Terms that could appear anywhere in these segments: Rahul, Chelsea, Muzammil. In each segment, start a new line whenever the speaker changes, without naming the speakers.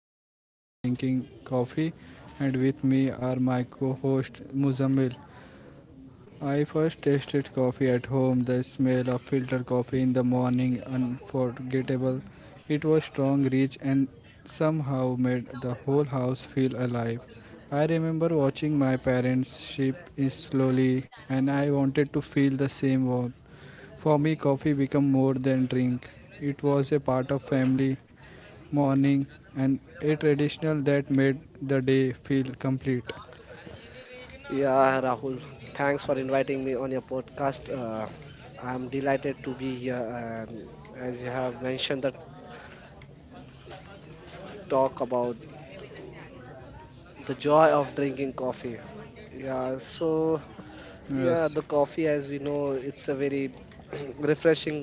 The Joy of Drinking Coffee. And with me are my co host, Muzammil. I first tasted coffee at home, the smell of filtered coffee in the morning, unforgettable. It was strong, rich, and somehow made the whole house feel alive. I remember watching my parents sip it slowly, and I wanted to feel the same warmth. For me, coffee became more than drink. It was a part of family, morning and a traditional that made the day feel complete.
Yeah, Rahul, thanks for inviting me on your podcast. I'm delighted to be here. And as you have mentioned, the talk about the joy of drinking coffee. Yeah, so
Yes,
yeah, the coffee, as we know, it's a very refreshing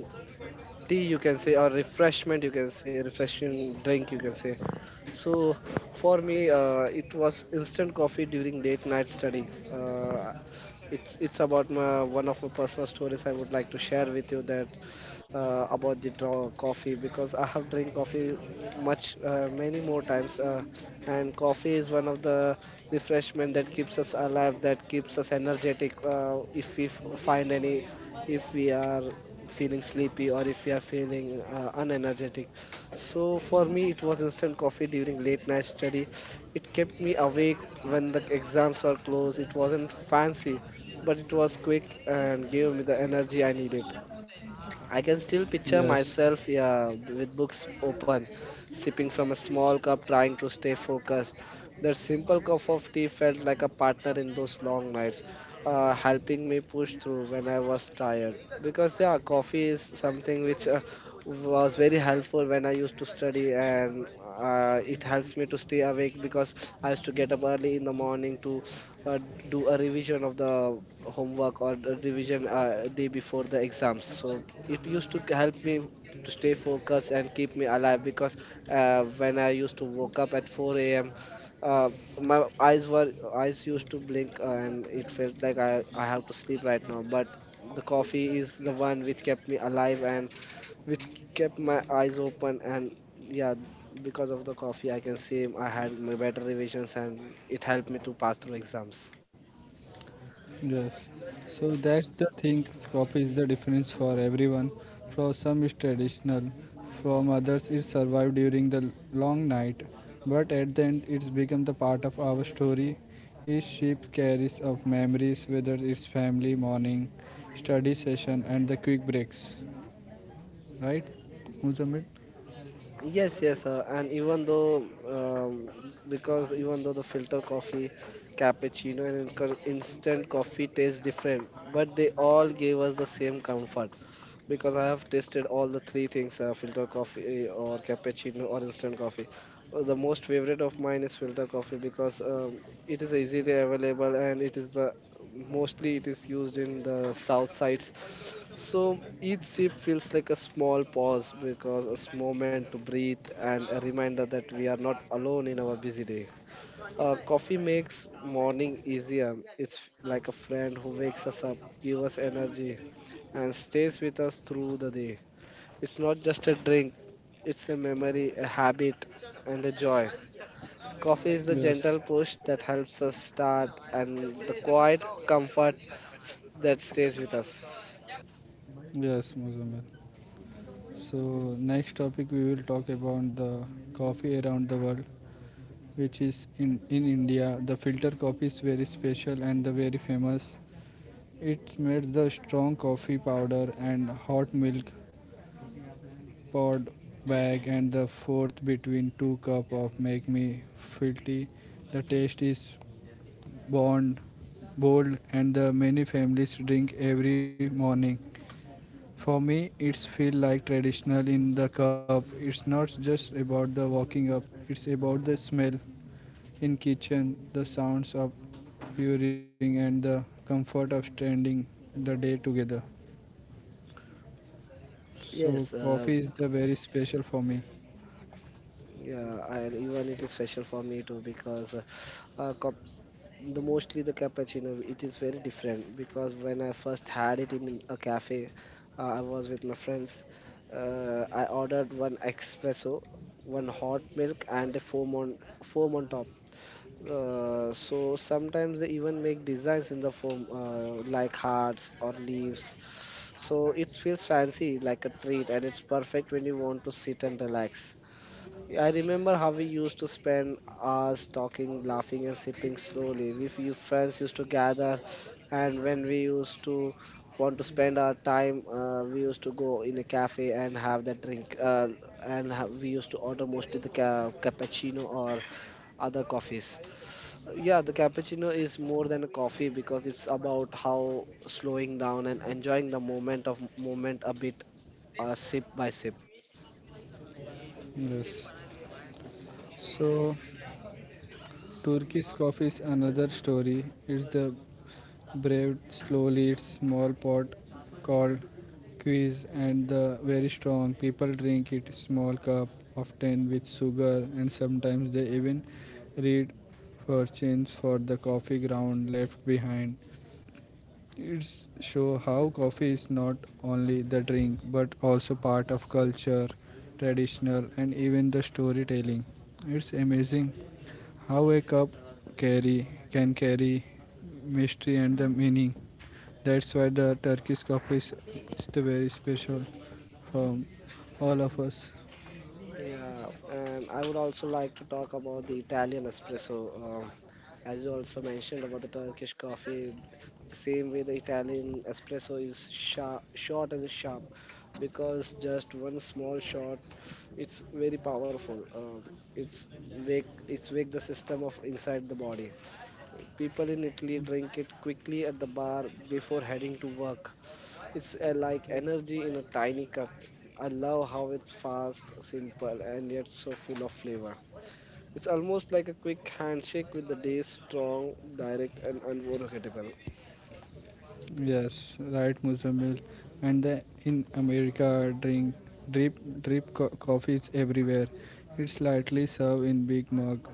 tea, you can say, or refreshment, you can say, refreshing drink, you can say. So for me, it was instant coffee during late night study. It's about my one of my personal stories I would like to share with you that about the draw coffee, because I have drink coffee much many more times, and coffee is one of the refreshment that keeps us alive, that keeps us energetic. If we find any, if we are feeling sleepy or if we are feeling unenergetic, so for me it was instant coffee during late night study. It kept me awake when the exams were closed. It wasn't fancy, but it was quick and gave me the energy I needed. I can still picture
yes,
myself, yeah, with books open, sipping from a small cup, trying to stay focused. That simple cup of tea felt like a partner in those long nights, helping me push through when I was tired. Because, yeah, coffee is something which was very helpful when I used to study, and it helps me to stay awake because I used to get up early in the morning to uh, do a revision of the homework, or a revision day before the exams, so it used to help me to stay focused and keep me alive. Because when I used to woke up at 4 a.m, uh, my eyes used to blink, and it felt like I have to sleep right now. But the coffee is the one which kept me alive, and which kept my eyes open. And yeah, because of the coffee, I can say I had my better revisions, and it helped me to pass through exams.
yes. So that's the thing, coffee is the difference for everyone. For some it's traditional, from others it survived during the long night, but at the end it's become the part of our story. Each shape carries of memories, whether it's family, morning, study session and the quick breaks. Right, Muzamil?
Yes, yes, and even though, because even though the filter coffee, cappuccino and instant coffee taste different, but they all gave us the same comfort, because I have tasted all the three things, filter coffee, or cappuccino or instant coffee. The most favorite of mine is filter coffee because, it is easily available, and it is the mostly it is used in the south sides. So each sip feels like a small pause, because it's moment to breathe and a reminder that we are not alone in our busy day. Coffee makes morning easier. It's like a friend who wakes us up, gives us energy, and stays with us through the day. It's not just a drink, it's a memory, a habit, and a joy. Coffee is the gentle
Yes,
push that helps us start, and the quiet comfort that stays with us.
yes, Muzamil. So next topic we will talk about the coffee around the world, which is in India. The filter coffee is very special and the very famous. It's made the strong coffee powder and hot milk poured back and the fourth between two cup of make me filthy. The taste is bond bold and the many families drink every morning. For me, it's feel like traditional in the cup. It's not just about the walking up. It's about the smell in kitchen, the sounds of brewing, and the comfort of standing the day together. So
Yes,
coffee is the very special for me.
yeah, and even it is special for me too, because uh, cup, the mostly the cappuccino, it is very different, because when I first had it in a cafe, I was with my friends. I ordered one espresso, one hot milk, and a foam on foam on top. So sometimes they even make designs in the form, like hearts or leaves. So it feels fancy, like a treat, and it's perfect when you want to sit and relax. I remember how we used to spend hours talking, laughing and sipping slowly. We few friends used to gather, and when we used to want to spend our time, we used to go in a cafe and have that drink. And we used to order mostly the cappuccino or other coffees. Yeah, the cappuccino is more than a coffee, because it's about how slowing down and enjoying the moment of moment a bit, sip by sip.
Yes. So Turkish coffee is another story. It's the Braved slowly its small pot called quiz, and the very strong people drink it small cup often with sugar, and sometimes they even read fortunes for the coffee ground left behind. It's show how coffee is not only the drink but also part of culture, traditional, and even the storytelling. It's amazing how a cup carry mystery and the meaning. That's why the Turkish coffee is the very special from all of us.
Yeah, and I would also like to talk about the Italian espresso. Um, as you also mentioned about the Turkish coffee, the same way the Italian espresso is sharp, short and sharp, because just one small shot, it's very powerful. It's it's wake the system of inside the body. People in Italy drink it quickly at the bar before heading to work. It's, like energy in a tiny cup. I love how it's fast, simple, and yet so full of flavor. It's almost like a quick handshake with the day, strong, direct, and unforgettable.
Yes, right, Muzammil. And the, in America, drink drip coffee is everywhere. It's lightly served in big mug,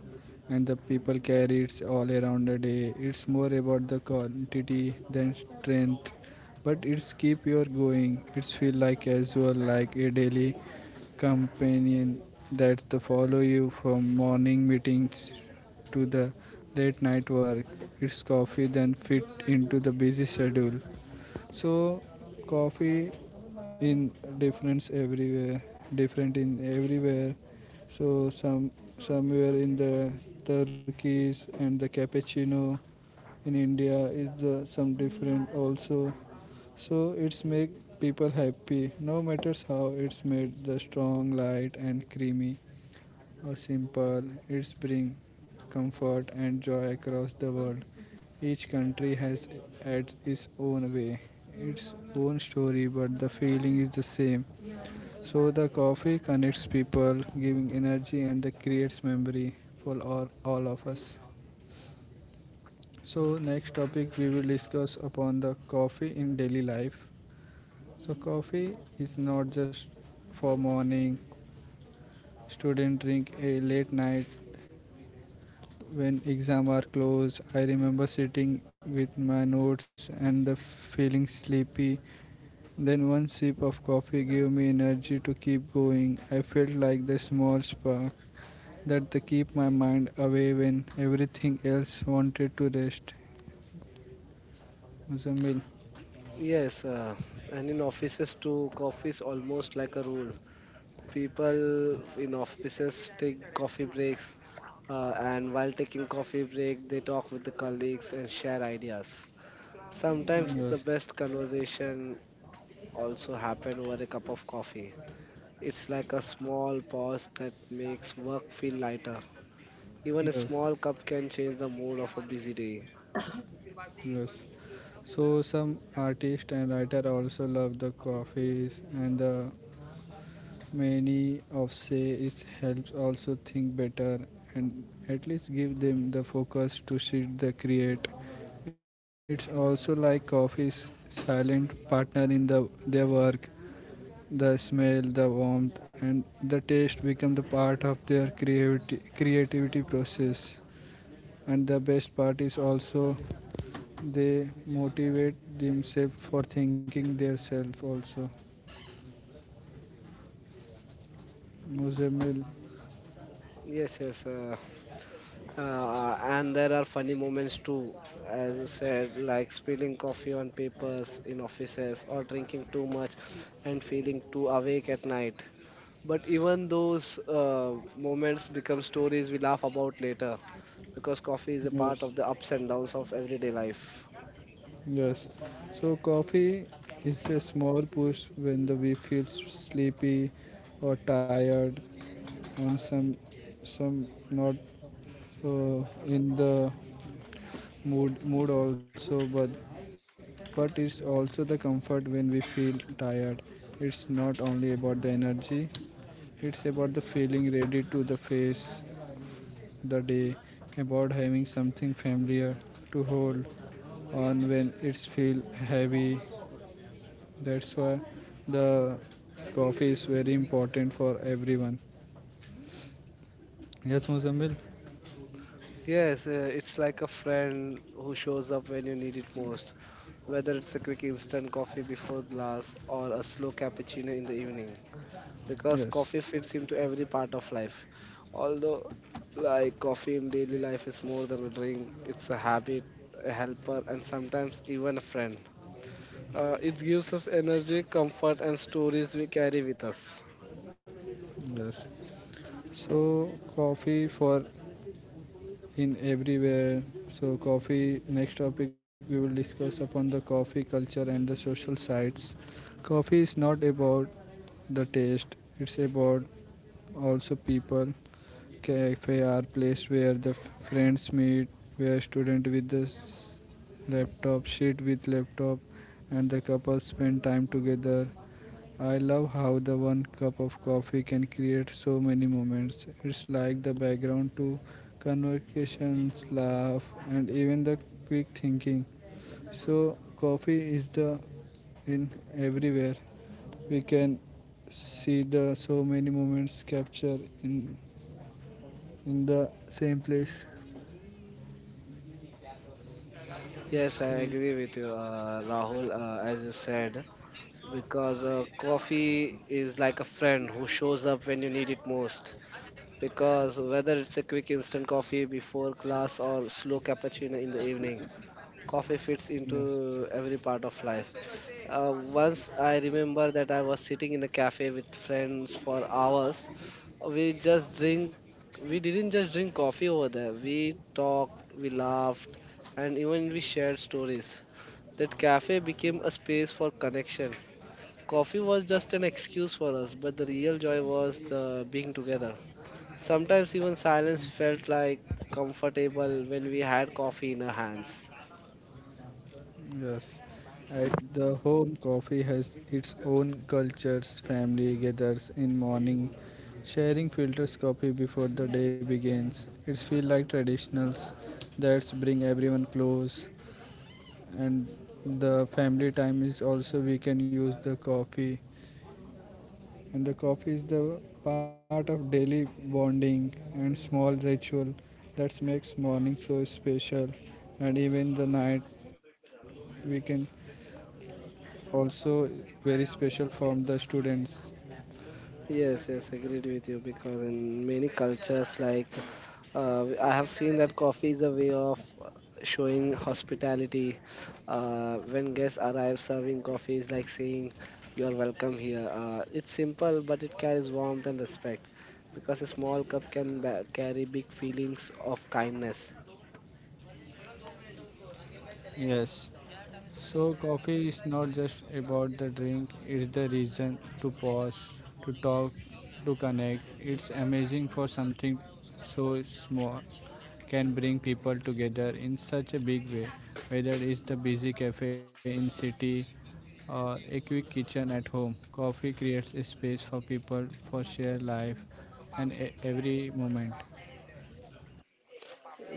and the people carry it all around the day. It's more about the quantity than strength, but it's keep your going. It's feel like casual, like a daily companion that the follow you from morning meetings to the late night work. It's coffee then fit into the busy schedule. So coffee in difference everywhere, different in everywhere. So somewhere in the Turkish and the cappuccino in India is the some different also. So it's make people happy no matters how it's made the strong light and creamy or simple it's bring comfort and joy across the world. Each country has had its own way, its own story, but the feeling is the same. So the coffee connects people, giving energy and the creates memory for all of us. So next topic we will discuss upon the coffee in daily life. So coffee is not just for morning. Student drink a late night when exams are close. I remember sitting with my notes and the feeling sleepy, then one sip of coffee gave me energy to keep going. I felt like the small spark that they keep my mind away when everything else wanted to rest. Muzammil?
Yes, and in offices too, coffee is almost like a rule. People in offices take coffee breaks, and while taking coffee break, they talk with the colleagues and share ideas. Sometimes the
Yes,
best conversation also happen over a cup of coffee. It's like a small pause that makes work feel lighter. Even a
yes,
small cup can change the mood of a busy day.
yes. So some artists and writer also love the coffees and the many of say it helps also think better and at least give them the focus to sit the create. It's also like coffee's silent partner in the their work. The smell, the warmth, and the taste become the part of their creativity process. And the best part is also they motivate themselves for thinking themselves also. Muzamil,
Yes, yes. And there are funny moments too, as you said, like spilling coffee on papers in offices or drinking too much and feeling too awake at night. But even those, moments become stories we laugh about later, because coffee is a part
yes.
of the ups and downs of everyday life.
Yes. So coffee is a small push when the we feel sleepy or tired and some not in the mood also, but it's also the comfort when we feel tired. It's not only about the energy, it's about the feeling ready to the face the day, about having something familiar to hold on when it's feel heavy. That's why the coffee is very important for everyone. Yes, Muzammil.
Yes, it's like a friend who shows up when you need it most, whether it's a quick instant coffee before glass or a slow cappuccino in the evening, because
Yes,
coffee fits into every part of life. Although, like, coffee in daily life is more than a drink, it's a habit, a helper, and sometimes even a friend. It gives us energy, comfort, and stories we carry with us.
yes. So coffee for in everywhere. So coffee. Next topic we will discuss upon the coffee culture and the social sides. Coffee is not about the taste. It's about also people. Cafe are place where the friends meet, where student with the laptop sit with laptop, and the couples spend time together. I love how the one cup of coffee can create so many moments. It's like the background to conversations, laugh, and even the quick thinking. So coffee is the in everywhere. We can see the so many moments captured in the same place.
Yes, I
True.
agree with you, Rahul, as you said, because coffee is like a friend who shows up when you need it most. Because whether it's a quick instant coffee before class or slow cappuccino in the evening, coffee fits
Yes,
into every part of life. Once I remember that I was sitting in a cafe with friends for hours. We just drink. We didn't just drink coffee over there. We talked, we laughed, and even we shared stories. That cafe became a space for connection. Coffee was just an excuse for us, but the real joy was the being together. Sometimes even silence felt like comfortable when we had coffee in our hands.
yes. At the home, coffee has its own cultures. Family gathers in morning, sharing filters coffee before the day begins. It's feel like traditionals that bring everyone close, and the family time is also we can use the coffee, and the coffee is the part of daily bonding and small ritual that makes morning so special, and even the night we can also very special for the students.
Yes, yes, agreed with you, because in many cultures, like, I have seen that coffee is a way of showing hospitality. When guests arrive, serving coffee is like saying, you are welcome here. It's simple, but it carries warmth and respect, because a small cup can carry big feelings of kindness.
Yes. So coffee is not just about the drink, it's the reason to pause, to talk, to connect. It's amazing for something so small can bring people together in such a big way, whether it's the busy cafe in city or a quick kitchen at home. Coffee creates a space for people for share life and every moment.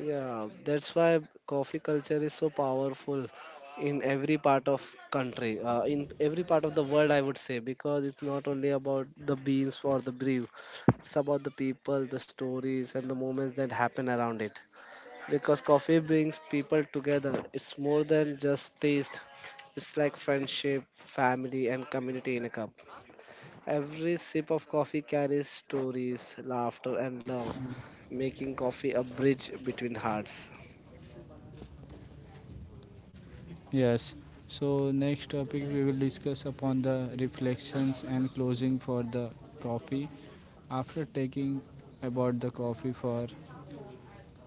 Yeah, that's why coffee culture is so powerful in every part of country, in every part of the world, I would say, because it's not only about the beans or the brew, it's about the people, the stories, and the moments that happen around it. Because coffee brings people together. It's more than just taste. It's like friendship, family, and community in a cup. Every sip of coffee carries stories, laughter, and love, making coffee a bridge between hearts.
Yes. So next topic we will discuss upon the reflections and closing for the coffee. After taking about the coffee for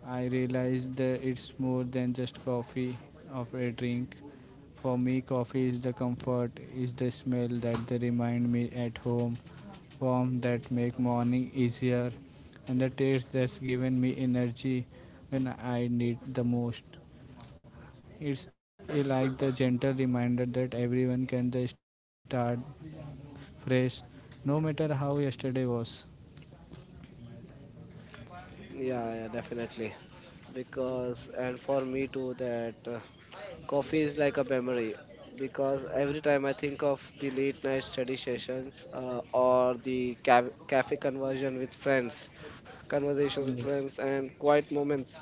I realized that it's more than just coffee of a drink. For me coffee is the comfort, is the smell that they remind me at home, warm that make morning easier and the taste that's given me energy when I need the most. It's like the gentle reminder that everyone can they start fresh, no matter how yesterday was.
Yeah, yeah, definitely. Because, and for me too, that coffee is like a memory. Because every time I think of the late night study sessions, or the cafe conversations with
Yes.
friends, and quiet moments,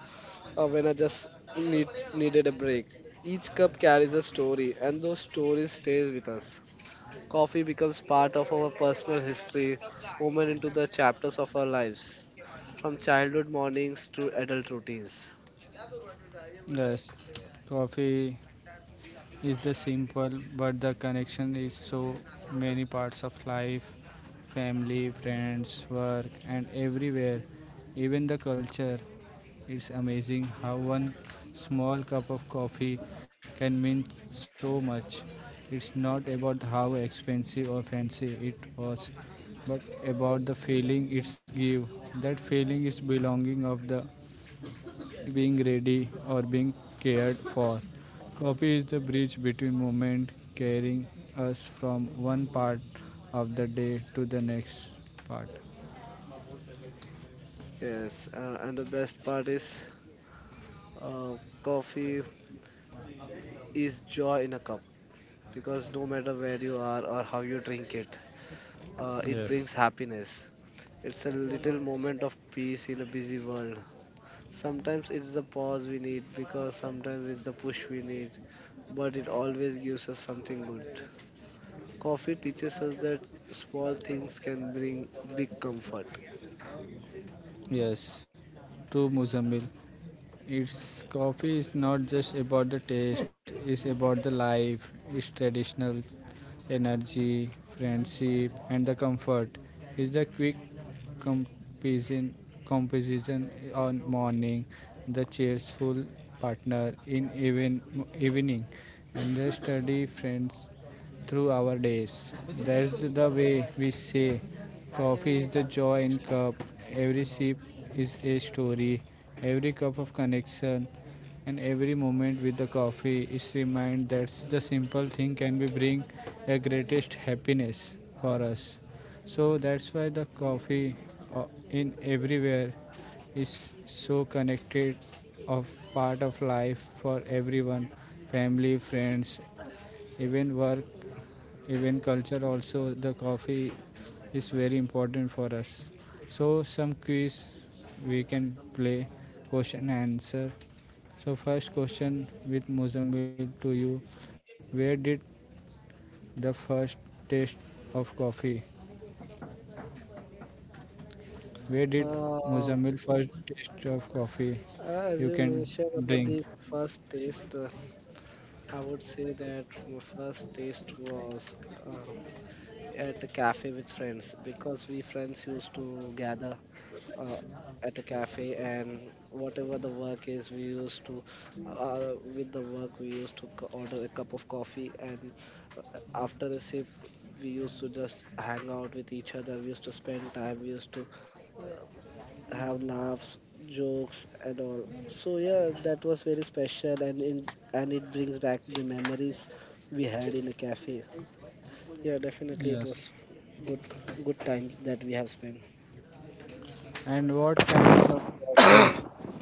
when I just need, needed a break, each cup carries a story, and those stories stays with us. Coffee becomes part of our personal history, woven into the chapters of our lives, from childhood mornings to adult routines.
Yes, coffee is the simple, but the connection is so many parts of life, family, friends, work, and everywhere, even the culture. It's amazing how one small cup of coffee can mean so much. It's not about how expensive or fancy it was, but about the feeling it's give. That feeling is belonging of the being ready or being cared for. Coffee is the bridge between moment carrying us from one part of the day to the next part.
Yes, and the best part is, uh, coffee is joy in a cup, because no matter where you are or how you drink it, it brings happiness. It's a little moment of peace in a busy world. Sometimes it's the pause we need, because sometimes it's the push we need, but it always gives us something good. Coffee teaches us that small things can bring big comfort.
Yes, true Muzammil. Its coffee is not just about the taste, it's about the life, its traditional energy, friendship, and the comfort. It's the quick composition, composition on morning, the cheerful partner in evening, and the study friends through our days. That's the way we say coffee is the joy in cup. Every sip is a story, every cup of connection and every moment with the coffee is remind that the simple thing can be bring a greatest happiness for us. So that's why the coffee uh, in everywhere is so connected of part of life for everyone, family, friends, even work, even culture also. The coffee is very important for us. So some quiz we can play, question and answer. So first question with Mozambique to you. Where did the first taste of coffee? Where did
Um,
Mozambique first taste of coffee
as
you
you
can
mentioned about the
drink?
first taste, I would say that my first taste was, uh, at a cafe with friends, because we friends used to gather, uh, at a cafe, and whatever the work is, we used to, with the work we used to order a cup of coffee, and after a sip we used to just hang out with each other. We used to spend time, we used to have laughs, jokes and all. So yeah, that was very special, and and it brings back the memories we had in a cafe. Yeah, definitely it was
Yes.
good good times that we have spent.
And what kinds of coffee?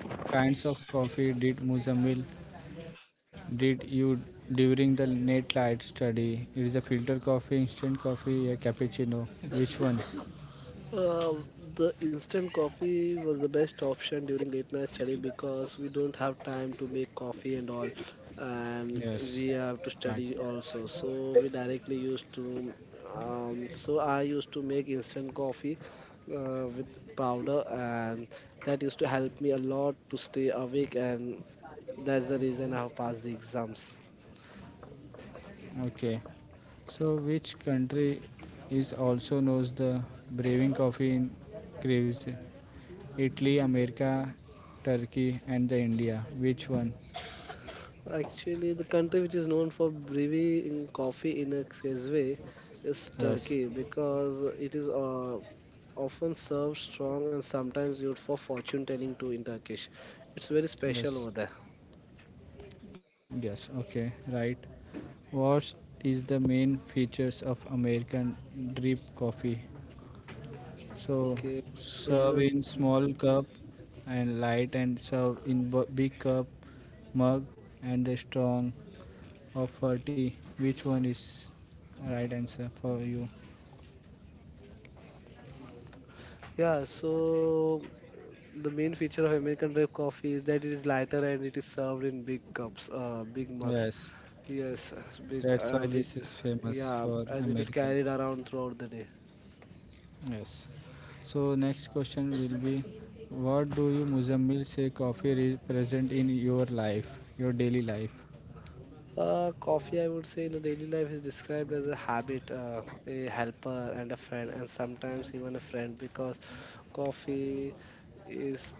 What kinds of coffee did Mozambique did you during the late night study? It is a filter coffee, instant coffee, a cappuccino. Which one?
Uh, the instant coffee was the best option during late night study, because we don't have time to make coffee and all, and we
Yes.
have to
Right.
study also. So we directly used to, so I used to make instant coffee with powder, and that used to help me a lot to stay awake, and that's the reason I have passed the exams.
Okay. So, which country is also knows the brewing coffee in craves? Italy, America, Turkey, and the India. Which one?
Actually, the country which is known for brewing coffee in a excess way is
Yes,
Turkey because it is often served strong and sometimes used for fortune telling too in Turkish. It's very special over
yes,
there.
yes. Okay, right. What is the main features of American drip coffee? So,
Okay, so
serve in small cup and light, and serve in big cup, mug, and the strong of 40. Which one is right answer for you?
yeah, so the main feature of American drip coffee is that it is lighter and it is served in big cups, big mugs.
Yes,
Yes, it's big,
that's why this is famous
yeah,
for
and it is
America.
carried around throughout the day.
Yes. So next question will be, what do you Muzammil say coffee represent in your life, your daily life?
Coffee, I would say, in a daily life is described as a habit, a helper, and a friend, and sometimes even a friend because coffee is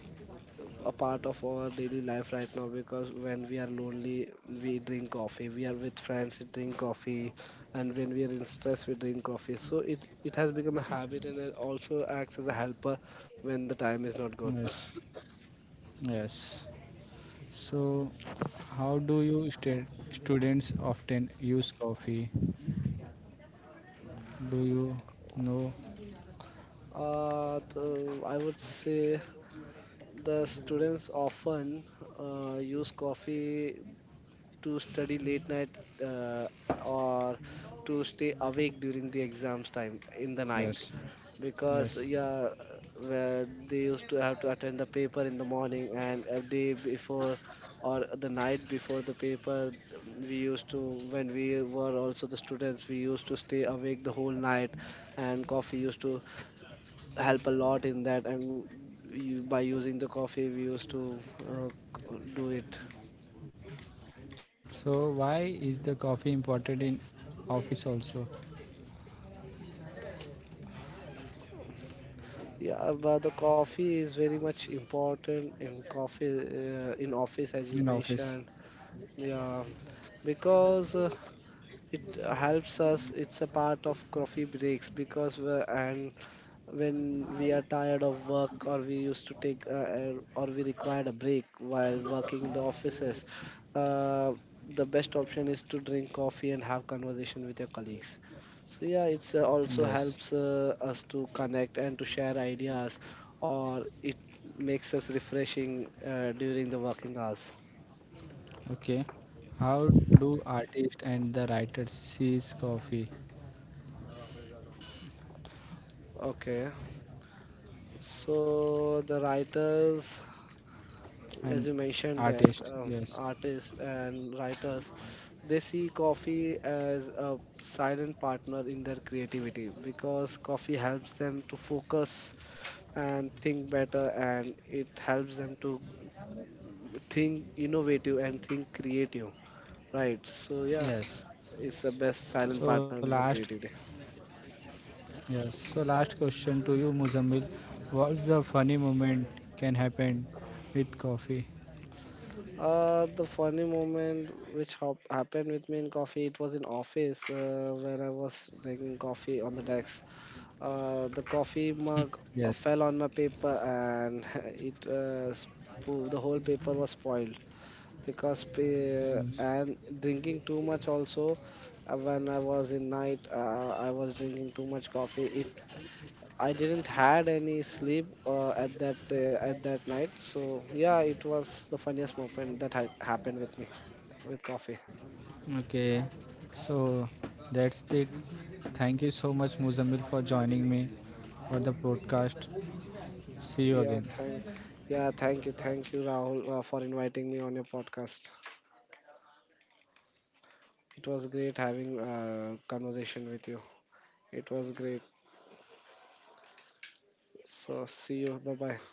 a part of our daily life right now, because when we are lonely we drink coffee, we are with friends we drink coffee, and when we are in stress we drink coffee. So it has become a habit and it also acts as a helper when the time is not good.
Yes. Yes. So how do you students often use coffee? Do you know?
I would say the students often use coffee to study late night, uh, or to stay awake during the exams time in the night,
Yes.
because
Yes.
yeah, where they used to have to attend the paper in the morning, and a day before or the night before the paper we used to, when we were also the students, we used to stay awake the whole night, and coffee used to help a lot in that. And by using the coffee we used to uh, do it.
So why is the coffee important in office also?
Yeah, but the coffee is very much important in coffee in office, as you
In
mentioned.
office.
Yeah, because it helps us, it's a part of coffee breaks, because we and when we are tired of work, or we used to take or we required a break while working in the offices, uh, the best option is to drink coffee and have conversation with your colleagues. So yeah, it's
Yes.
also helps us to connect and to share ideas, or it makes us refreshing during the working hours.
Okay. How do artist and the writer sees coffee
Okay, so the writers as
and
you mentioned that
artist? Yes.
artists and writers, they see coffee as a silent partner in their creativity, because coffee helps them to focus and think better, and it helps them to think innovative and think creative, right? So yeah,
Yes.
it's the best silent
So
partner in the creativity.
last question to you, Muzammil. What's the funny moment can happen with coffee?
The funny moment which happened with me in coffee, it was in office, when I was drinking coffee on the desk. The coffee mug fell
Yes.
on my paper and it the whole paper was spoiled. Because
Yes.
and drinking too much also, when I was in night, I was drinking too much coffee, it I didn't had any sleep at that night. So yeah, it was the funniest moment that had happened with me with coffee.
Okay. So that's it. Thank you so much, Muzammil, for joining me for the podcast. See you
yeah thank
again.
yeah, thank you, thank you Rahul, for inviting me on your podcast. It was great having a conversation with you. It was great. So see you. Bye bye.